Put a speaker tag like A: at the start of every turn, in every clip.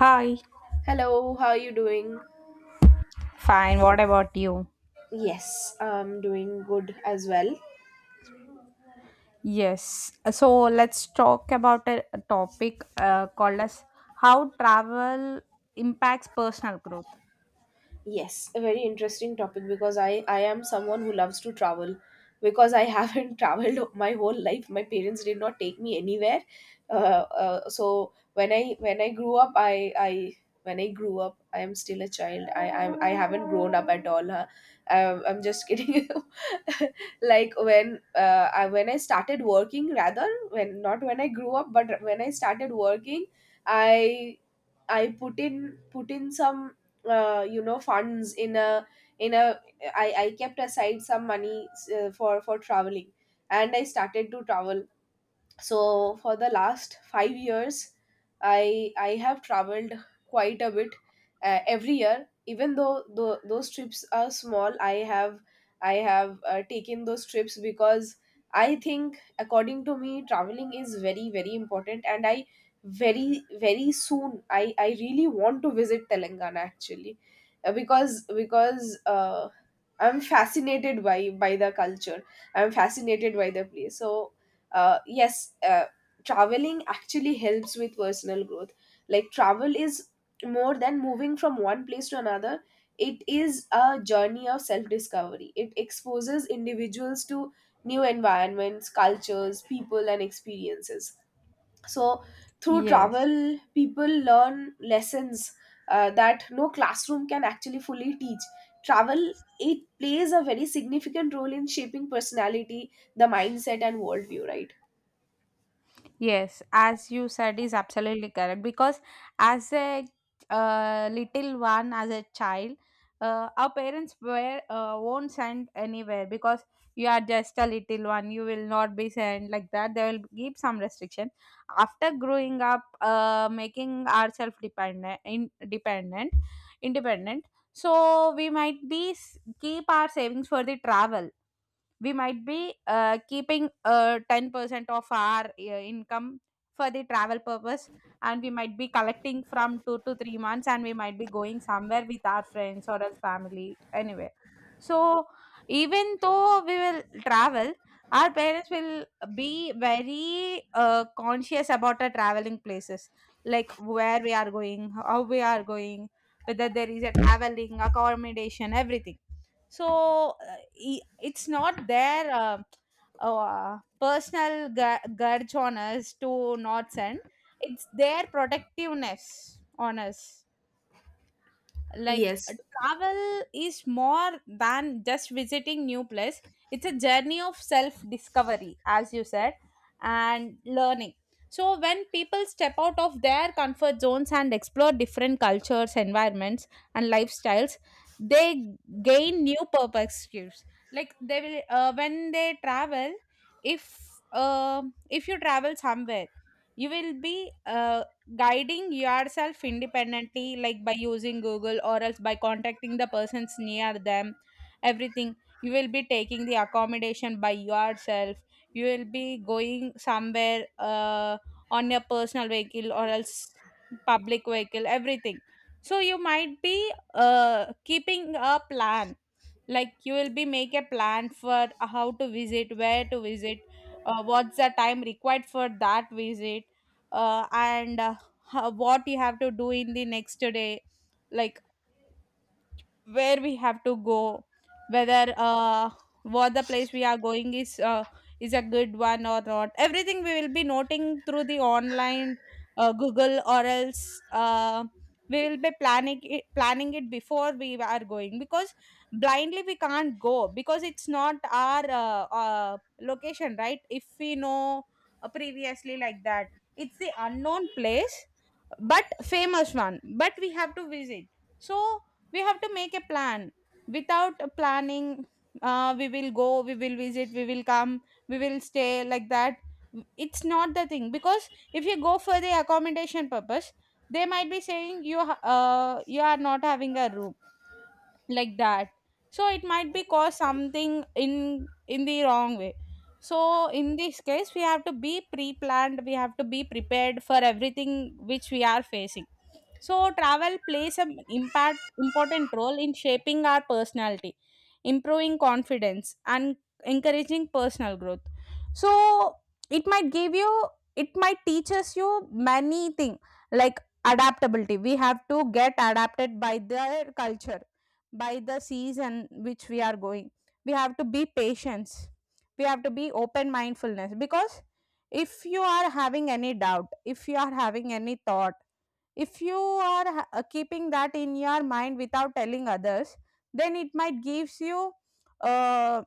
A: Hi.
B: Hello, how are you doing?
A: Fine, what about you?
B: Yes, I'm doing good as well.
A: Yes. So let's talk about a topic called as how travel impacts personal growth.
B: Yes, a very interesting topic because I am someone who loves to travel because I haven't traveled my whole life. My parents did not take me anywhere. Uh, so when I grew up, I am still a child. I haven't grown up at all. Huh? I'm just kidding. like when I, when I started working, rather when not when I grew up, but when I started working, I I put in some funds in a I kept aside some money for traveling. And I started to travel. So for the last 5 years, I have traveled quite a bit, every year. Even though, those trips are small, I have taken those trips because I think, according to me, traveling is very very important. And I very very soon I really want to visit Telangana actually. Because uh, I'm fascinated by the culture. I'm fascinated by the place. So yes, traveling actually helps with personal growth. Like, travel is more than moving from one place to another, it is a journey of self discovery. It exposes individuals to new environments, cultures, people, and experiences. So, through
A: Yes.
B: travel, people learn lessons that no classroom can actually fully teach. Travel, it plays a very significant role in shaping personality, the mindset, and worldview, right?
A: Yes, as you said, is absolutely correct because as a little one, as a child, our parents were won't send anywhere because you are just a little one. You will not be sent like that. They will give some restriction. After growing up, making ourselves dependent, independent, independent. So we might be keep our savings for the travel, we might be keeping 10% of our income for the travel purpose, and we might be collecting from 2 to 3 months and we might be going somewhere with our friends or else family anyway. So even though we will travel, our parents will be very conscious about our traveling places, like where we are going, how we are going, whether there is a traveling accommodation, everything. So it's not their personal grudge on us to not send, it's their protectiveness on us. like uh,
B: Yes,
A: Travel is more than just visiting new place, it's a journey of self discovery, as you said, and learning. So when people step out of their comfort zones and explore different cultures, environments, and lifestyles, they gain new perspectives. Like they will, when they travel, if uh, if you travel somewhere, you will be guiding yourself independently, like by using google or else by contacting the persons near them, everything. You will be taking the accommodation by yourself, you will be going somewhere on your personal vehicle or else public vehicle, everything. So you might be keeping a plan, like you will be make a plan for how to visit, where to visit, what's the time required for that visit, and what you have to do in the next day. Like where we have to go, whether what the place we are going is a good one or not, everything we will be noting through the online, google or else we will be planning it before we are going, because blindly we can't go because it's not our location, right? If we know previously like that, it's the unknown place but famous one, but we have to visit. So we have to make a plan. Without a planning, we will go, we will visit, we will come, we will stay, like that. It's not the thing, because if you go for the accommodation purpose, they might be saying you you are not having a room, like that. So it might be cause something in the wrong way. So in this case we have to be pre-planned, we have to be prepared for everything which we are facing. So travel plays an impact important role in shaping our personality, improving confidence, and encouraging personal growth. So it might give you, it might teach us you many thing, like adaptability, we have to get adapted by their culture, by the season which we are going. We have to be patience, we have to be open mindfulness, because if you are having any doubt, if you are having any thought, if you are keeping that in your mind without telling others, then it might gives you uh,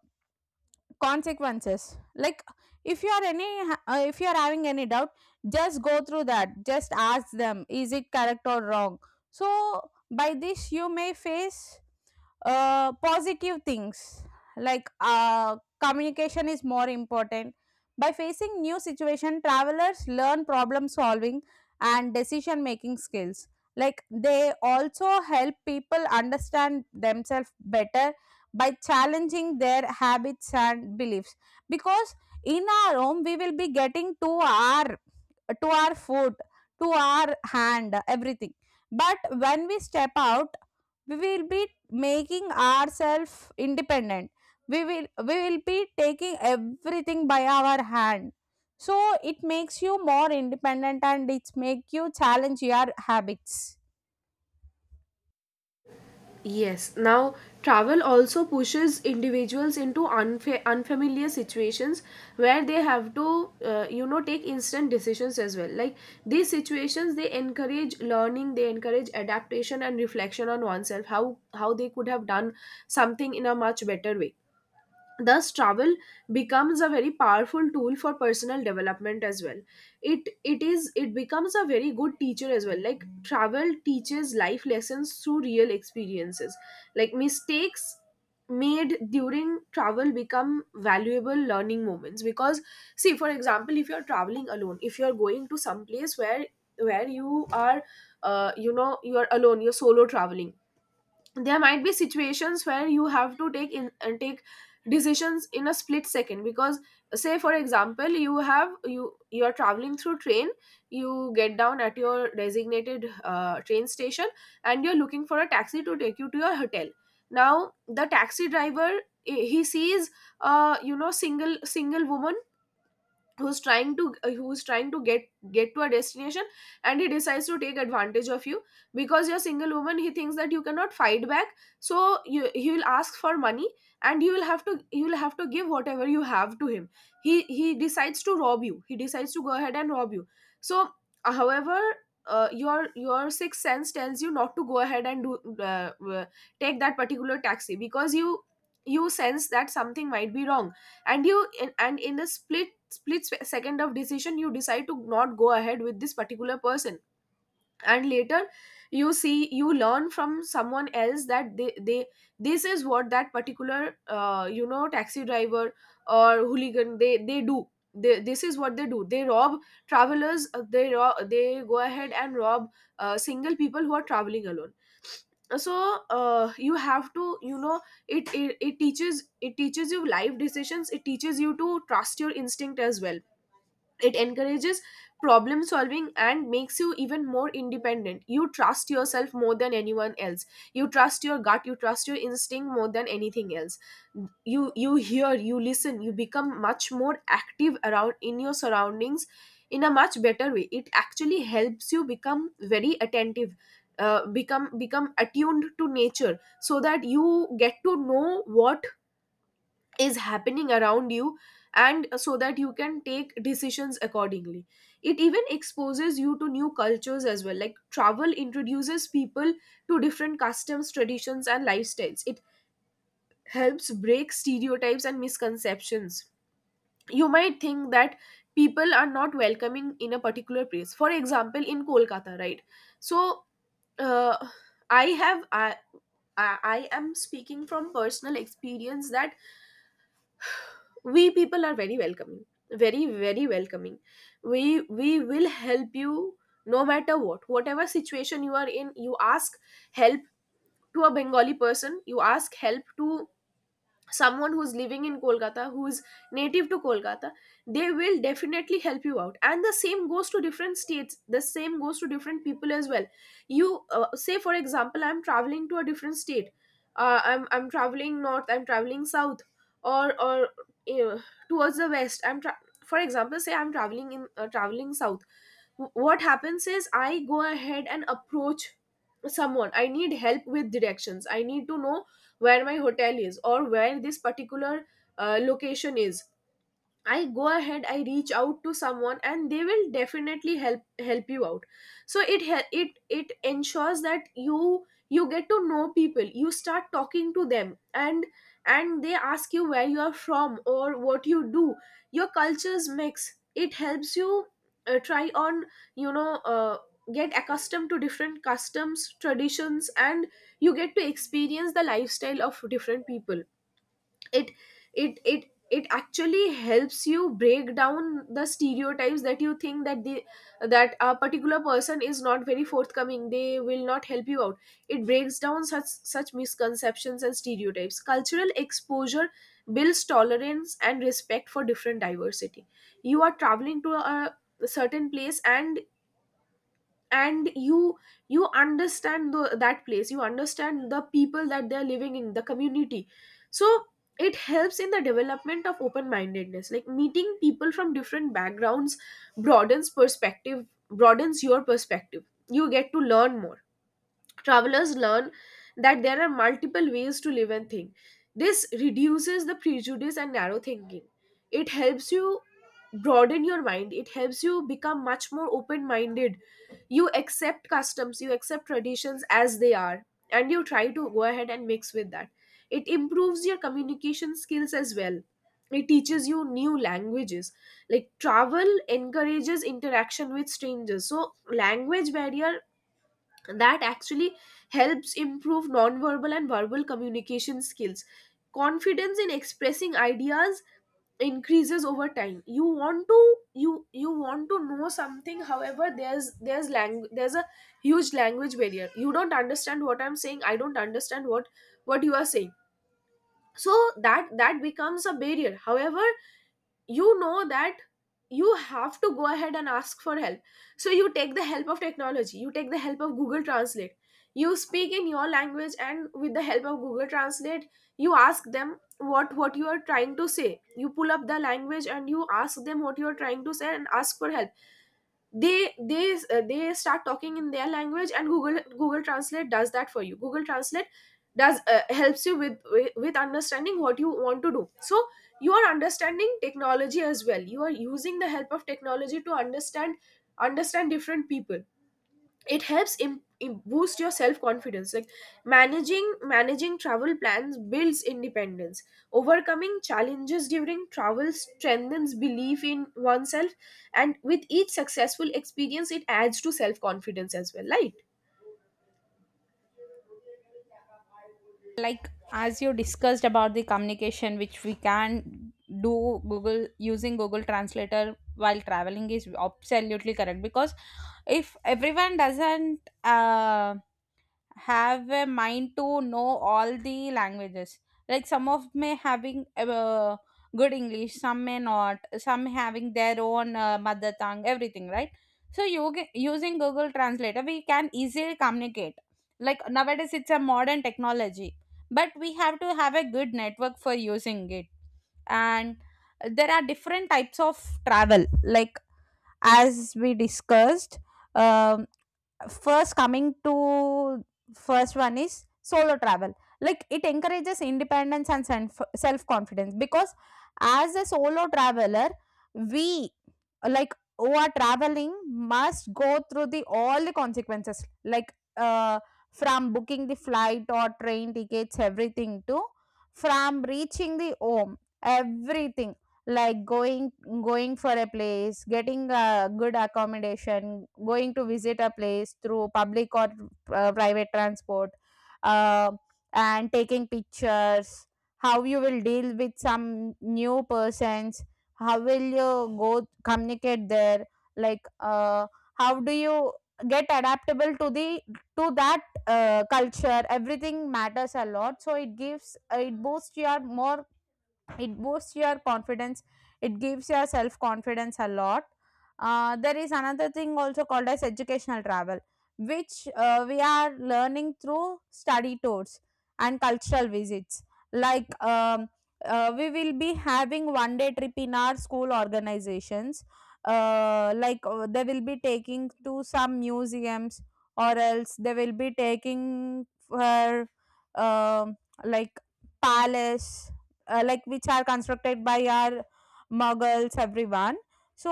A: consequences. Like if you are any if you are having any doubt, just go through that, just ask them, is it correct or wrong. So by this you may face positive things, like communication is more important. By facing new situation, travelers learn problem solving and decision making skills, like they also help people understand themselves better by challenging their habits and beliefs, because in our home we will be getting to our, to our foot, to our hand, everything, but when we step out, we will be making ourselves independent, we will be taking everything by our hand. So it makes you more independent and it make you challenge your habits.
B: yes. Now, travel also pushes individuals into unfamiliar situations where they have to, take instant decisions as well. Like, these situations, they encourage learning, they encourage adaptation and reflection on oneself. How they could have done something in a much better way. Thus travel becomes a very powerful tool for personal development as well. It becomes a very good teacher as well. Like, travel teaches life lessons through real experiences, like mistakes made during travel become valuable learning moments. Because, see, for example, if you're traveling alone, if you're going to some place where you are, you are alone, you're solo traveling, there might be situations where you have to take decisions in a split second. Because, say for example, you have you you are traveling through train, you get down at your designated train station, and you're looking for a taxi to take you to your hotel. Now the taxi driver, he sees single woman who's trying to, get to a destination, and he decides to take advantage of you. Because you're a single woman, he thinks that you cannot fight back. So he will ask for money, and you will have to give whatever you have to him. He decides to rob you. He decides to go ahead and rob you. So however, your sixth sense tells you not to go ahead and do take that particular taxi because you sense that something might be wrong. And in a split second of decision, you decide to not go ahead with this particular person. And later, you see, you learn from someone else that they, this is what that particular, taxi driver or hooligan, they do. This is what they do. They rob travelers. They rob, they go ahead and rob single people who are traveling alone. So you have to, you know, it teaches, it teaches you life decisions. It teaches you to trust your instinct as well. It encourages problem solving and makes you even more independent. You trust yourself more than anyone else. You trust your gut, you trust your instinct more than anything else. You hear, you listen, you become much more active around in your surroundings in a much better way. It actually helps you become very attentive, become attuned to nature, so that you get to know what is happening around you, and so that you can take decisions accordingly. It even exposes you to new cultures as well. Like, travel introduces people to different customs, traditions and lifestyles. It helps break stereotypes and misconceptions. You might think that people are not welcoming in a particular place, for example in Kolkata, right? So uh, i have I, I am speaking from personal experience that we people are very welcoming, very very welcoming. We will help you no matter what. Whatever situation you are in, you ask help to a Bengali person. You ask help to someone who's living in Kolkata, who's native to Kolkata, they will definitely help you out. And the same goes to different states. The same goes to different people as well. You Say, for example, I'm traveling to a different state. I'm traveling north. I'm traveling south, or uh, towards the west. For example, say I'm traveling in, traveling south. What happens is I go ahead and approach someone. I need help with directions. I need to know where my hotel is or where this particular location is. I go ahead, I reach out to someone and they will definitely help you out. So it hel- it ensures that you get to know people. You start talking to them, and they ask you where you are from or what you do. Your cultures mix. It helps you try on, you know uh, get accustomed to different customs, traditions, and you get to experience the lifestyle of different people. it it it it actually helps you break down the stereotypes that you think that the that a particular person is not very forthcoming, they will not help you out. It breaks down such misconceptions and stereotypes. Cultural exposure builds tolerance and respect for different diversity. You are traveling to a certain place, and you understand that place. You understand the people that they're living in the community. So it helps in the development of open mindedness. Like, meeting people from different backgrounds broadens perspective, broadens your perspective. You get to learn more. Travelers learn that there are multiple ways to live and think. This reduces the prejudice and narrow thinking. It helps you broaden your mind, it helps you become much more open minded. You accept customs, you accept traditions as they are, and you try to go ahead and mix with that. It improves your communication skills as well. It teaches you new languages. Like, travel encourages interaction with strangers. So, language barrier, that actually helps improve nonverbal and verbal communication skills. Confidence in expressing ideas increases over time. You want to know something. However, there's language, there's a huge language barrier. You don't understand what I'm saying. I don't understand what you are saying. So that becomes a barrier. However, you know that you have to go ahead and ask for help. So you take the help of technology, you take the help of Google Translate. You speak in your language, and with the help of Google Translate, you ask them what you are trying to say. You pull up the language and you ask them what you are trying to say and ask for help. They start talking in their language, and Google Translate does that for you. Google Translate does, helps you with, with understanding what you want to do. So you are understanding technology as well. You are using the help of technology to understand different people. It helps boost your self confidence. Like, managing travel plans builds independence. Overcoming challenges during travel strengthens belief in oneself. And with each successful experience, it adds to self confidence as well, right?
A: Like, as you discussed about the communication which we can do google, using google translator while traveling is absolutely correct, because if everyone doesn't uh, have a mind to know all the languages, like some of may having good english, some may not, some having their own mother tongue, everything, right? So you using google translator we can easily communicate, like nowadays it's a modern technology, but we have to have a good network for using it. And there are different types of travel, like as we discussed, um first coming to, first one is solo travel. Like it encourages independence and self confidence, because as a solo traveler, we, like who are traveling, must go through the all the consequences, like from booking the flight or train tickets, everything, to from reaching the home, everything. Like going, going for a place, getting a good accommodation, going to visit a place through public or private transport, uh, and taking pictures, how you will deal with some new persons, how will you go communicate there. like uh, how do you get adaptable to the, to that culture, everything matters a lot. So it gives uh, it boosts your confidence, it gives your self confidence a lot. There is another thing also called as educational travel, which we are learning through study tours and cultural visits. like um, we will be having 1 day trip in our school organizations, they will be taking to some museums, or else they will be taking for um like palace, like which are constructed by our muggles, everyone. So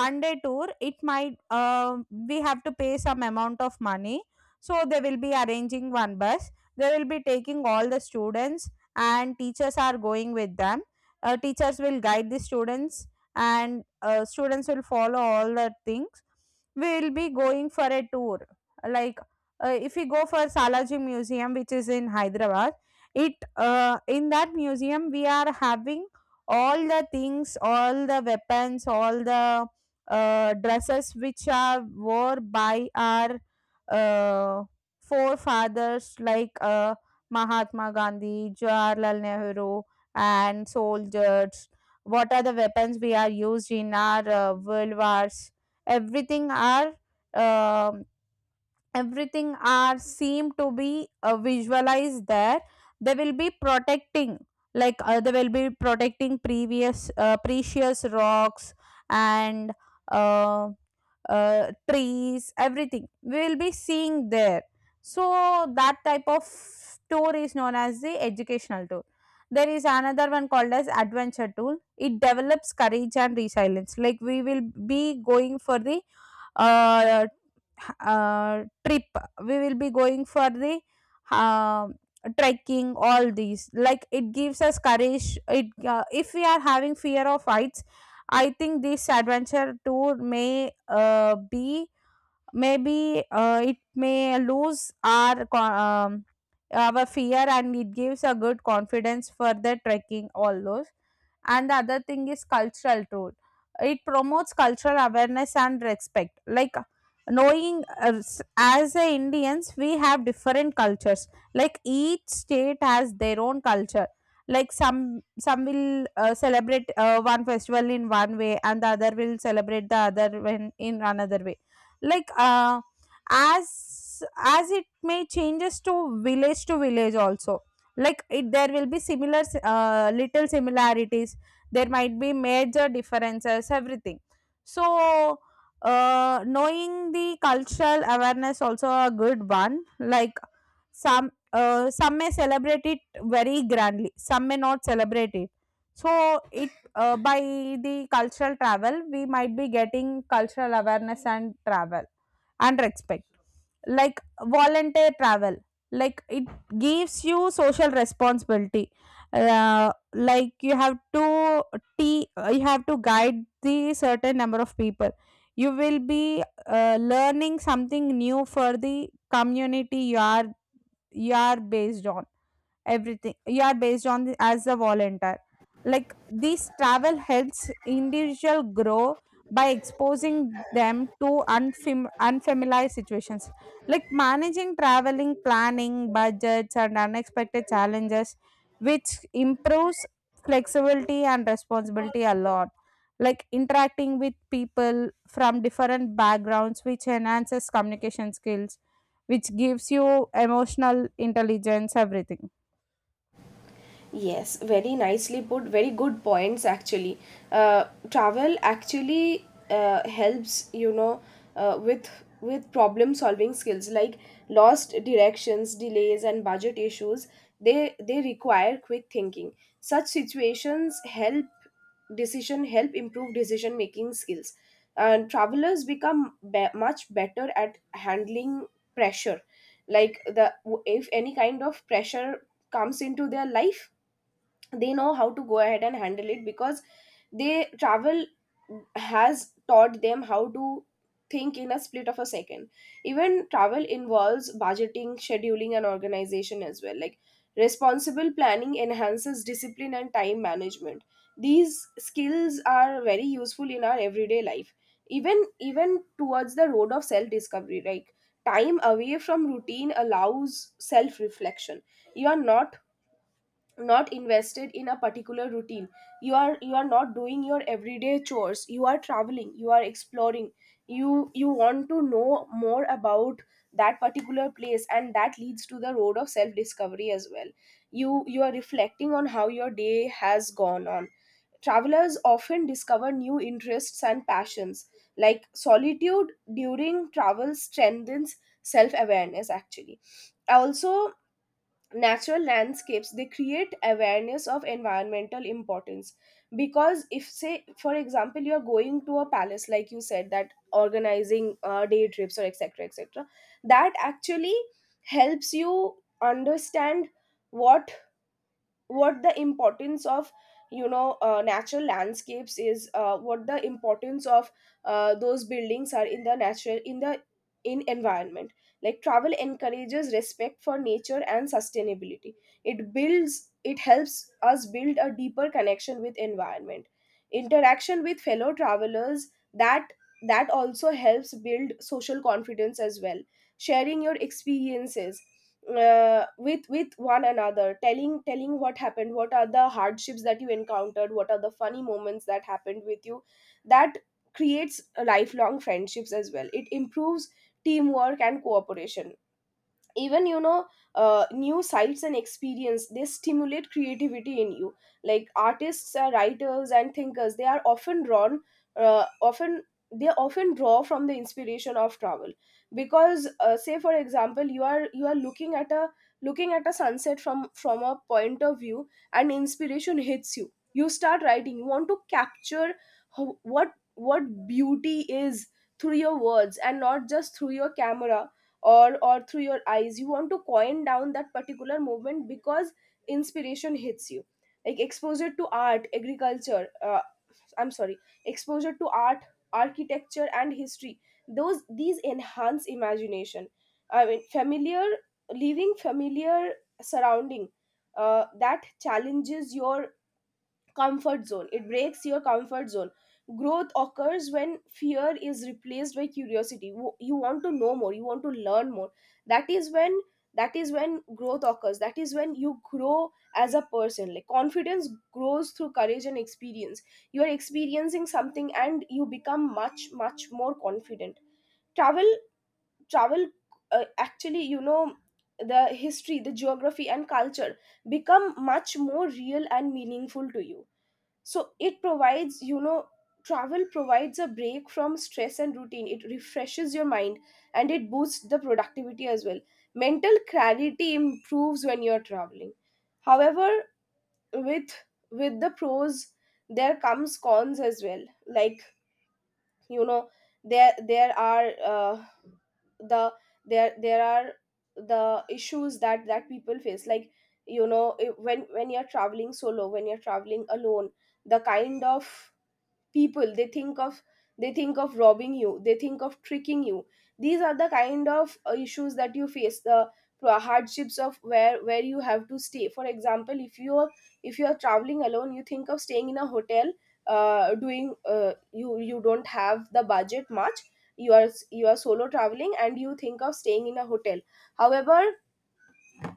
A: 1 day tour, it might we have to pay some amount of money. So they will be arranging one bus, they will be taking all the students, and teachers are going with them. Teachers will guide the students, and students will follow all the things. We will be going for a tour, like if we go for Salaji Museum, which is in Hyderabad, it in that museum we are having all the things, all the weapons, all the dresses which are wore by our uh, forefathers, like mahatma gandhi, jawaharlal nehru, and soldiers, what are the weapons we are used in our world wars, everything are um everything are seem to be visualized there. They will be protecting, like they will be protecting previous precious rocks, and uh, trees, everything we will be seeing there. So that type of tour is known as the educational tour. There is another one called as adventure tour, it develops courage and resilience. Like we will be going for the uh, trip, we will be going for the uh, trekking, all these. Like it gives us courage. It If we are having fear of heights, I think this adventure tour maybe it may lose our our fear, and it gives a good confidence for the trekking, all those. And the other thing is cultural tool, it promotes cultural awareness and respect. Like knowing as a indians we have different cultures, like each state has their own culture. Like some will celebrate one festival in one way, and the other will celebrate the other when in another way. Like uh, as as it may changes to village also. Like it, there will be similar little similarities, there might be major differences, everything. So knowing the cultural awareness also a good one. Like some may celebrate it very grandly, some may not celebrate it. So it by the cultural travel we might be getting cultural awareness and travel and respect. Like volunteer travel, like it gives you social responsibility. Like you have to you have to guide the certain number of people, you will be learning something new for the community you are, you are based on, everything you are based on the, as a volunteer. Like this travel helps individual grow by exposing them to unfamiliar situations, like managing traveling, planning budgets and unexpected challenges, which improves flexibility and responsibility a lot, like interacting with people from different backgrounds, which enhances communication skills, which gives you emotional intelligence, everything.
B: Yes, very nicely put, very good points actually. Uh, Travel actually helps, you know, with problem solving skills. Like, lost directions, delays and budget issues. They require quick thinking. Such situations help improve decision making skills. And travelers become much better at handling pressure. Like the if any kind of pressure comes into their life, they know how to go ahead and handle it because they travel has taught them how to think in a split of a second. Even travel involves budgeting, scheduling and organization as well. Like responsible planning enhances discipline and time management. These skills are very useful in our everyday life, even towards the road of self discovery. Like time away from routine allows self reflection. You are not invested in a particular routine. You are not doing your everyday chores, you are traveling, you are exploring. You want to know more about that particular place, and that leads to the road of self discovery as well. You are reflecting on how your day has gone on. Travelers often discover new interests and passions, like solitude during travel strengthens self awareness actually. Also, natural landscapes, they create awareness of environmental importance. Because if, say for example, you're going to a palace like you said, that organizing day trips or etc etc, that actually helps you understand what what the importance of, you know, natural landscapes is, what the importance of those buildings are in the in environment. Like travel encourages respect for nature and sustainability. It helps us build a deeper connection with environment. Interaction with fellow travelers, that also helps build social confidence as well. Sharing your experiences with one another, telling what happened, what are the hardships that you encountered, what are the funny moments that happened with you, that creates lifelong friendships as well. It improves teamwork and cooperation. Even, you know, new sights and experience, they stimulate creativity in you. Like artists are writers and thinkers, they are often drawn often they often draw from the inspiration of travel. Because say for example, you are looking at a sunset from a point of view, and inspiration hits you, you start writing, you want to capture how, what beauty is through your words and not just through your camera or through your eyes. You want to coin down that particular movement because inspiration hits you. Like exposure to art agriculture I'm sorry exposure to art architecture and history, those these enhance imagination. I mean familiar Leaving familiar surrounding, that challenges your comfort zone, it breaks your comfort zone. Growth occurs when fear is replaced by curiosity. You want to know more, you want to learn more. that is when that is when growth occurs, that is when you grow as a person. Like confidence grows through courage and experience. You are experiencing something and you become much more confident. Travel travel actually you know, the history, the geography and culture become much more real and meaningful to you. So it provides you know travel provides a break from stress and routine. It refreshes your mind and it boosts the productivity as well. Mental clarity improves when you're traveling. However, with with the pros, there comes cons as well. Like, you know, there are the there there are the issues that people face. Like, you know, when you're traveling solo, when you're traveling alone, the kind of people they think of they think of robbing you, they think of tricking you. These are the kind of issues that you face. Hardships of where you have to stay. For example, if you are traveling alone, you think of staying in a hotel. Doing You don't have the budget much. You are solo traveling and you think of staying in a hotel. However,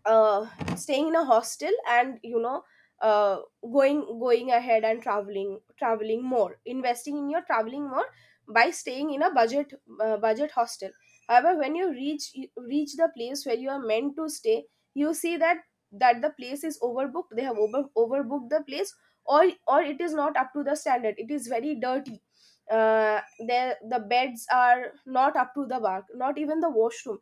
B: uh, staying in a hostel, and, you know, going ahead and traveling more, investing in your traveling more by staying in a budget hostel. However, when you reach the place where you are meant to stay, you see that the place is overbooked, they have overbooked the place. Or it is not up to the standard, it is very dirty. uh, there the beds are not up to the mark, not even the washroom.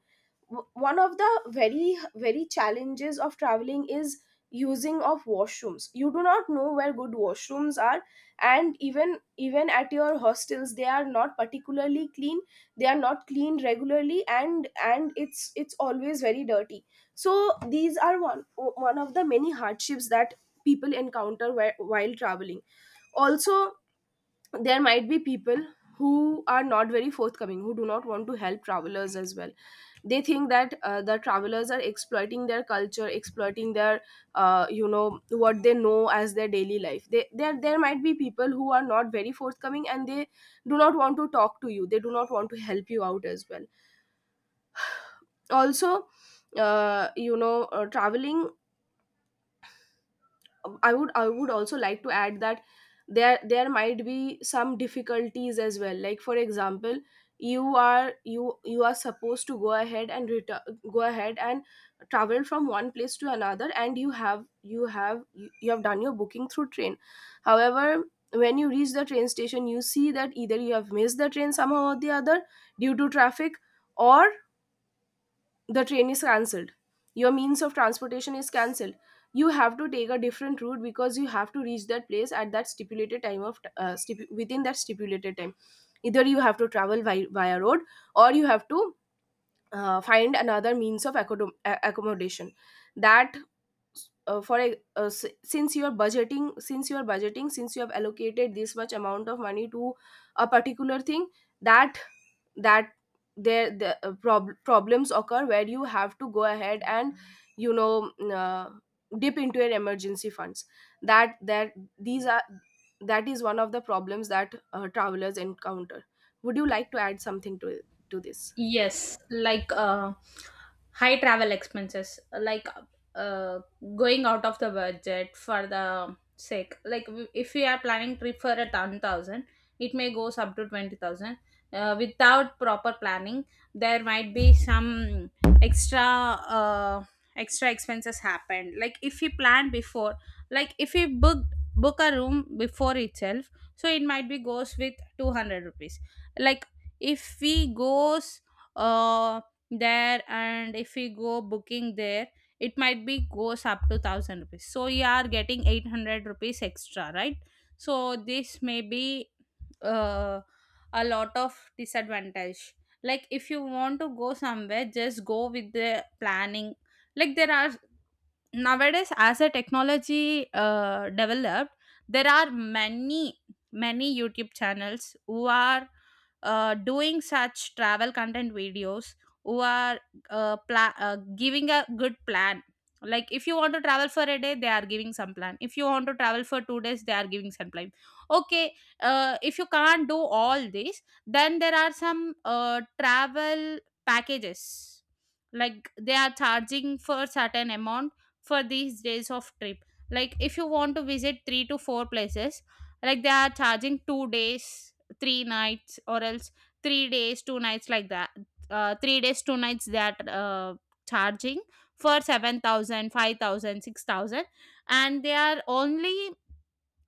B: One of the very very challenges of traveling is using of washrooms. You do not know where good washrooms are, and even, even at your hostels, they are not particularly clean, they are not clean regularly, and it's always very dirty. So these are one of the many hardships that people encounter, where, while traveling. Also, there might be people who are not very forthcoming, who do not want to help travelers as well. They think that the travelers are exploiting their culture, exploiting their, you know, what they know as their daily life. They There might be people who are not very forthcoming, and they do not want to talk to you, they do not want to help you out as well. Also, you know, traveling, I would also like to add that there might be some difficulties as well. Like for example, you are supposed to go ahead and go ahead and travel from one place to another, and you have you have you have done your booking through train. However, when you reach the train station, you see that either you have missed the train somehow or the other due to traffic, or the train is cancelled, your means of transportation is cancelled. You have to take a different route because you have to reach that place at that stipulated time of, within that stipulated time. Either you have to travel via road, or you have to find another means of accommodation. That for a, s- Since you are budgeting, since you have allocated this much amount of money to a particular thing, that that there the problems occur where you have to go ahead and, you know, dip into your emergency funds. that that these are that is one of the problems that travelers encounter. Would you like to add something to this?
A: Yes, like high travel expenses, like uh, going out of the budget for the sake. Like if we are planning trip for a 10,000, it may goes up to 20,000. Without proper planning, there might be some extra uh, extra expenses happen. Like if we plan before, like if we book a room before itself, so it might be goes with 200 rupees. Like if we goes uh, there and if we go booking there, it might be goes up to 1000 rupees, so you are getting 800 rupees extra, right? So this may be uh, a lot of disadvantage. Like if you want to go somewhere, just go with the planning. Like there are nowadays, as a technology developed, there are many youtube channels who are doing such travel content videos, who are giving a good plan. Like if you want to travel for a day, they are giving some plan, if you want to travel for 2 days, they are giving some plan. Okay, if you can't do all this, then there are some travel packages, like they are charging for certain amount for these days of trip. Like if you want to visit 3 to 4 places, like they are charging 2 days 3 nights, or else 3 days 2 nights, like that. 3 days 2 nights they are charging for 7,000, 5,000, 6,000, and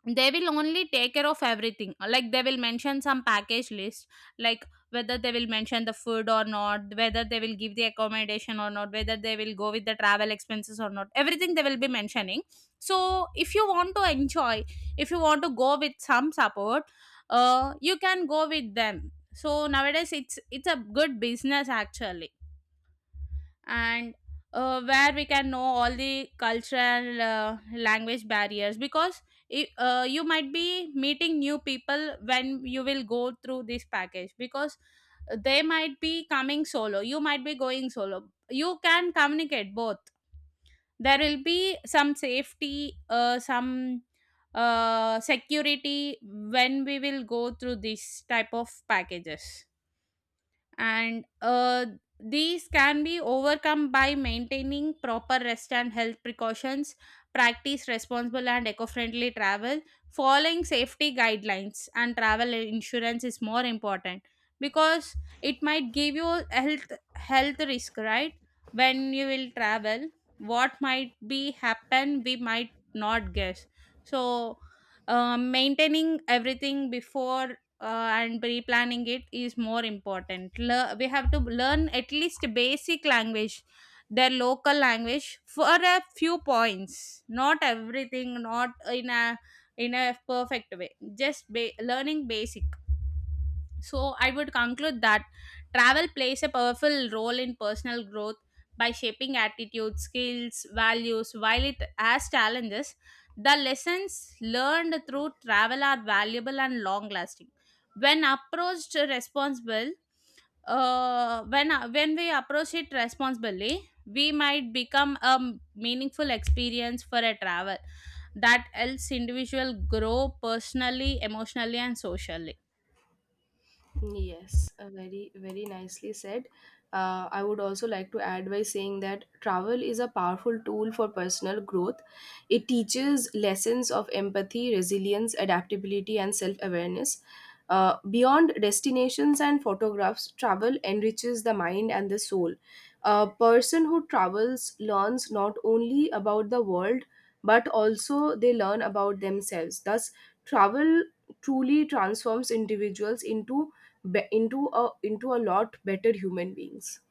A: they will only take care of everything. Like they will mention some package list, like whether they will mention the food or not, whether they will give the accommodation or not, whether they will go with the travel expenses or not, everything they will be mentioning. So if you want to enjoy, if you want to go with some support, you can go with them. So nowadays it's a good business actually. And where we can know all the cultural language barriers, because you might be meeting new people when you will go through this package, because they might be coming solo, you might be going solo, you can communicate both. There will be some safety, some security when we will go through this type of packages. And these can be overcome by maintaining proper rest and health precautions, practice responsible and eco-friendly travel, following safety guidelines, and travel insurance is more important, because it might give you health risk, right? When you will travel, what might be happen we might not guess. So maintaining everything before and pre-planning it is more important. We have to learn at least basic language, their local language for a few points. Not everything, not in a, in a perfect way. Just learning basic. So, I would conclude that travel plays a powerful role in personal growth by shaping attitudes, skills, values. While it has challenges, the lessons learned through travel are valuable and long lasting. When approached responsible, when we approach it responsibly, we might become a meaningful experience for a travel that helps individual grow personally, emotionally, and socially.
B: Yes, very, very nicely said. I would also like to add by saying that travel is a powerful tool for personal growth. It teaches lessons of empathy, resilience, adaptability, and self awareness. Beyond destinations and photographs, travel enriches the mind and the soul. A person who travels learns not only about the world, but also they learn about themselves. Thus, travel truly transforms individuals into a lot better human beings.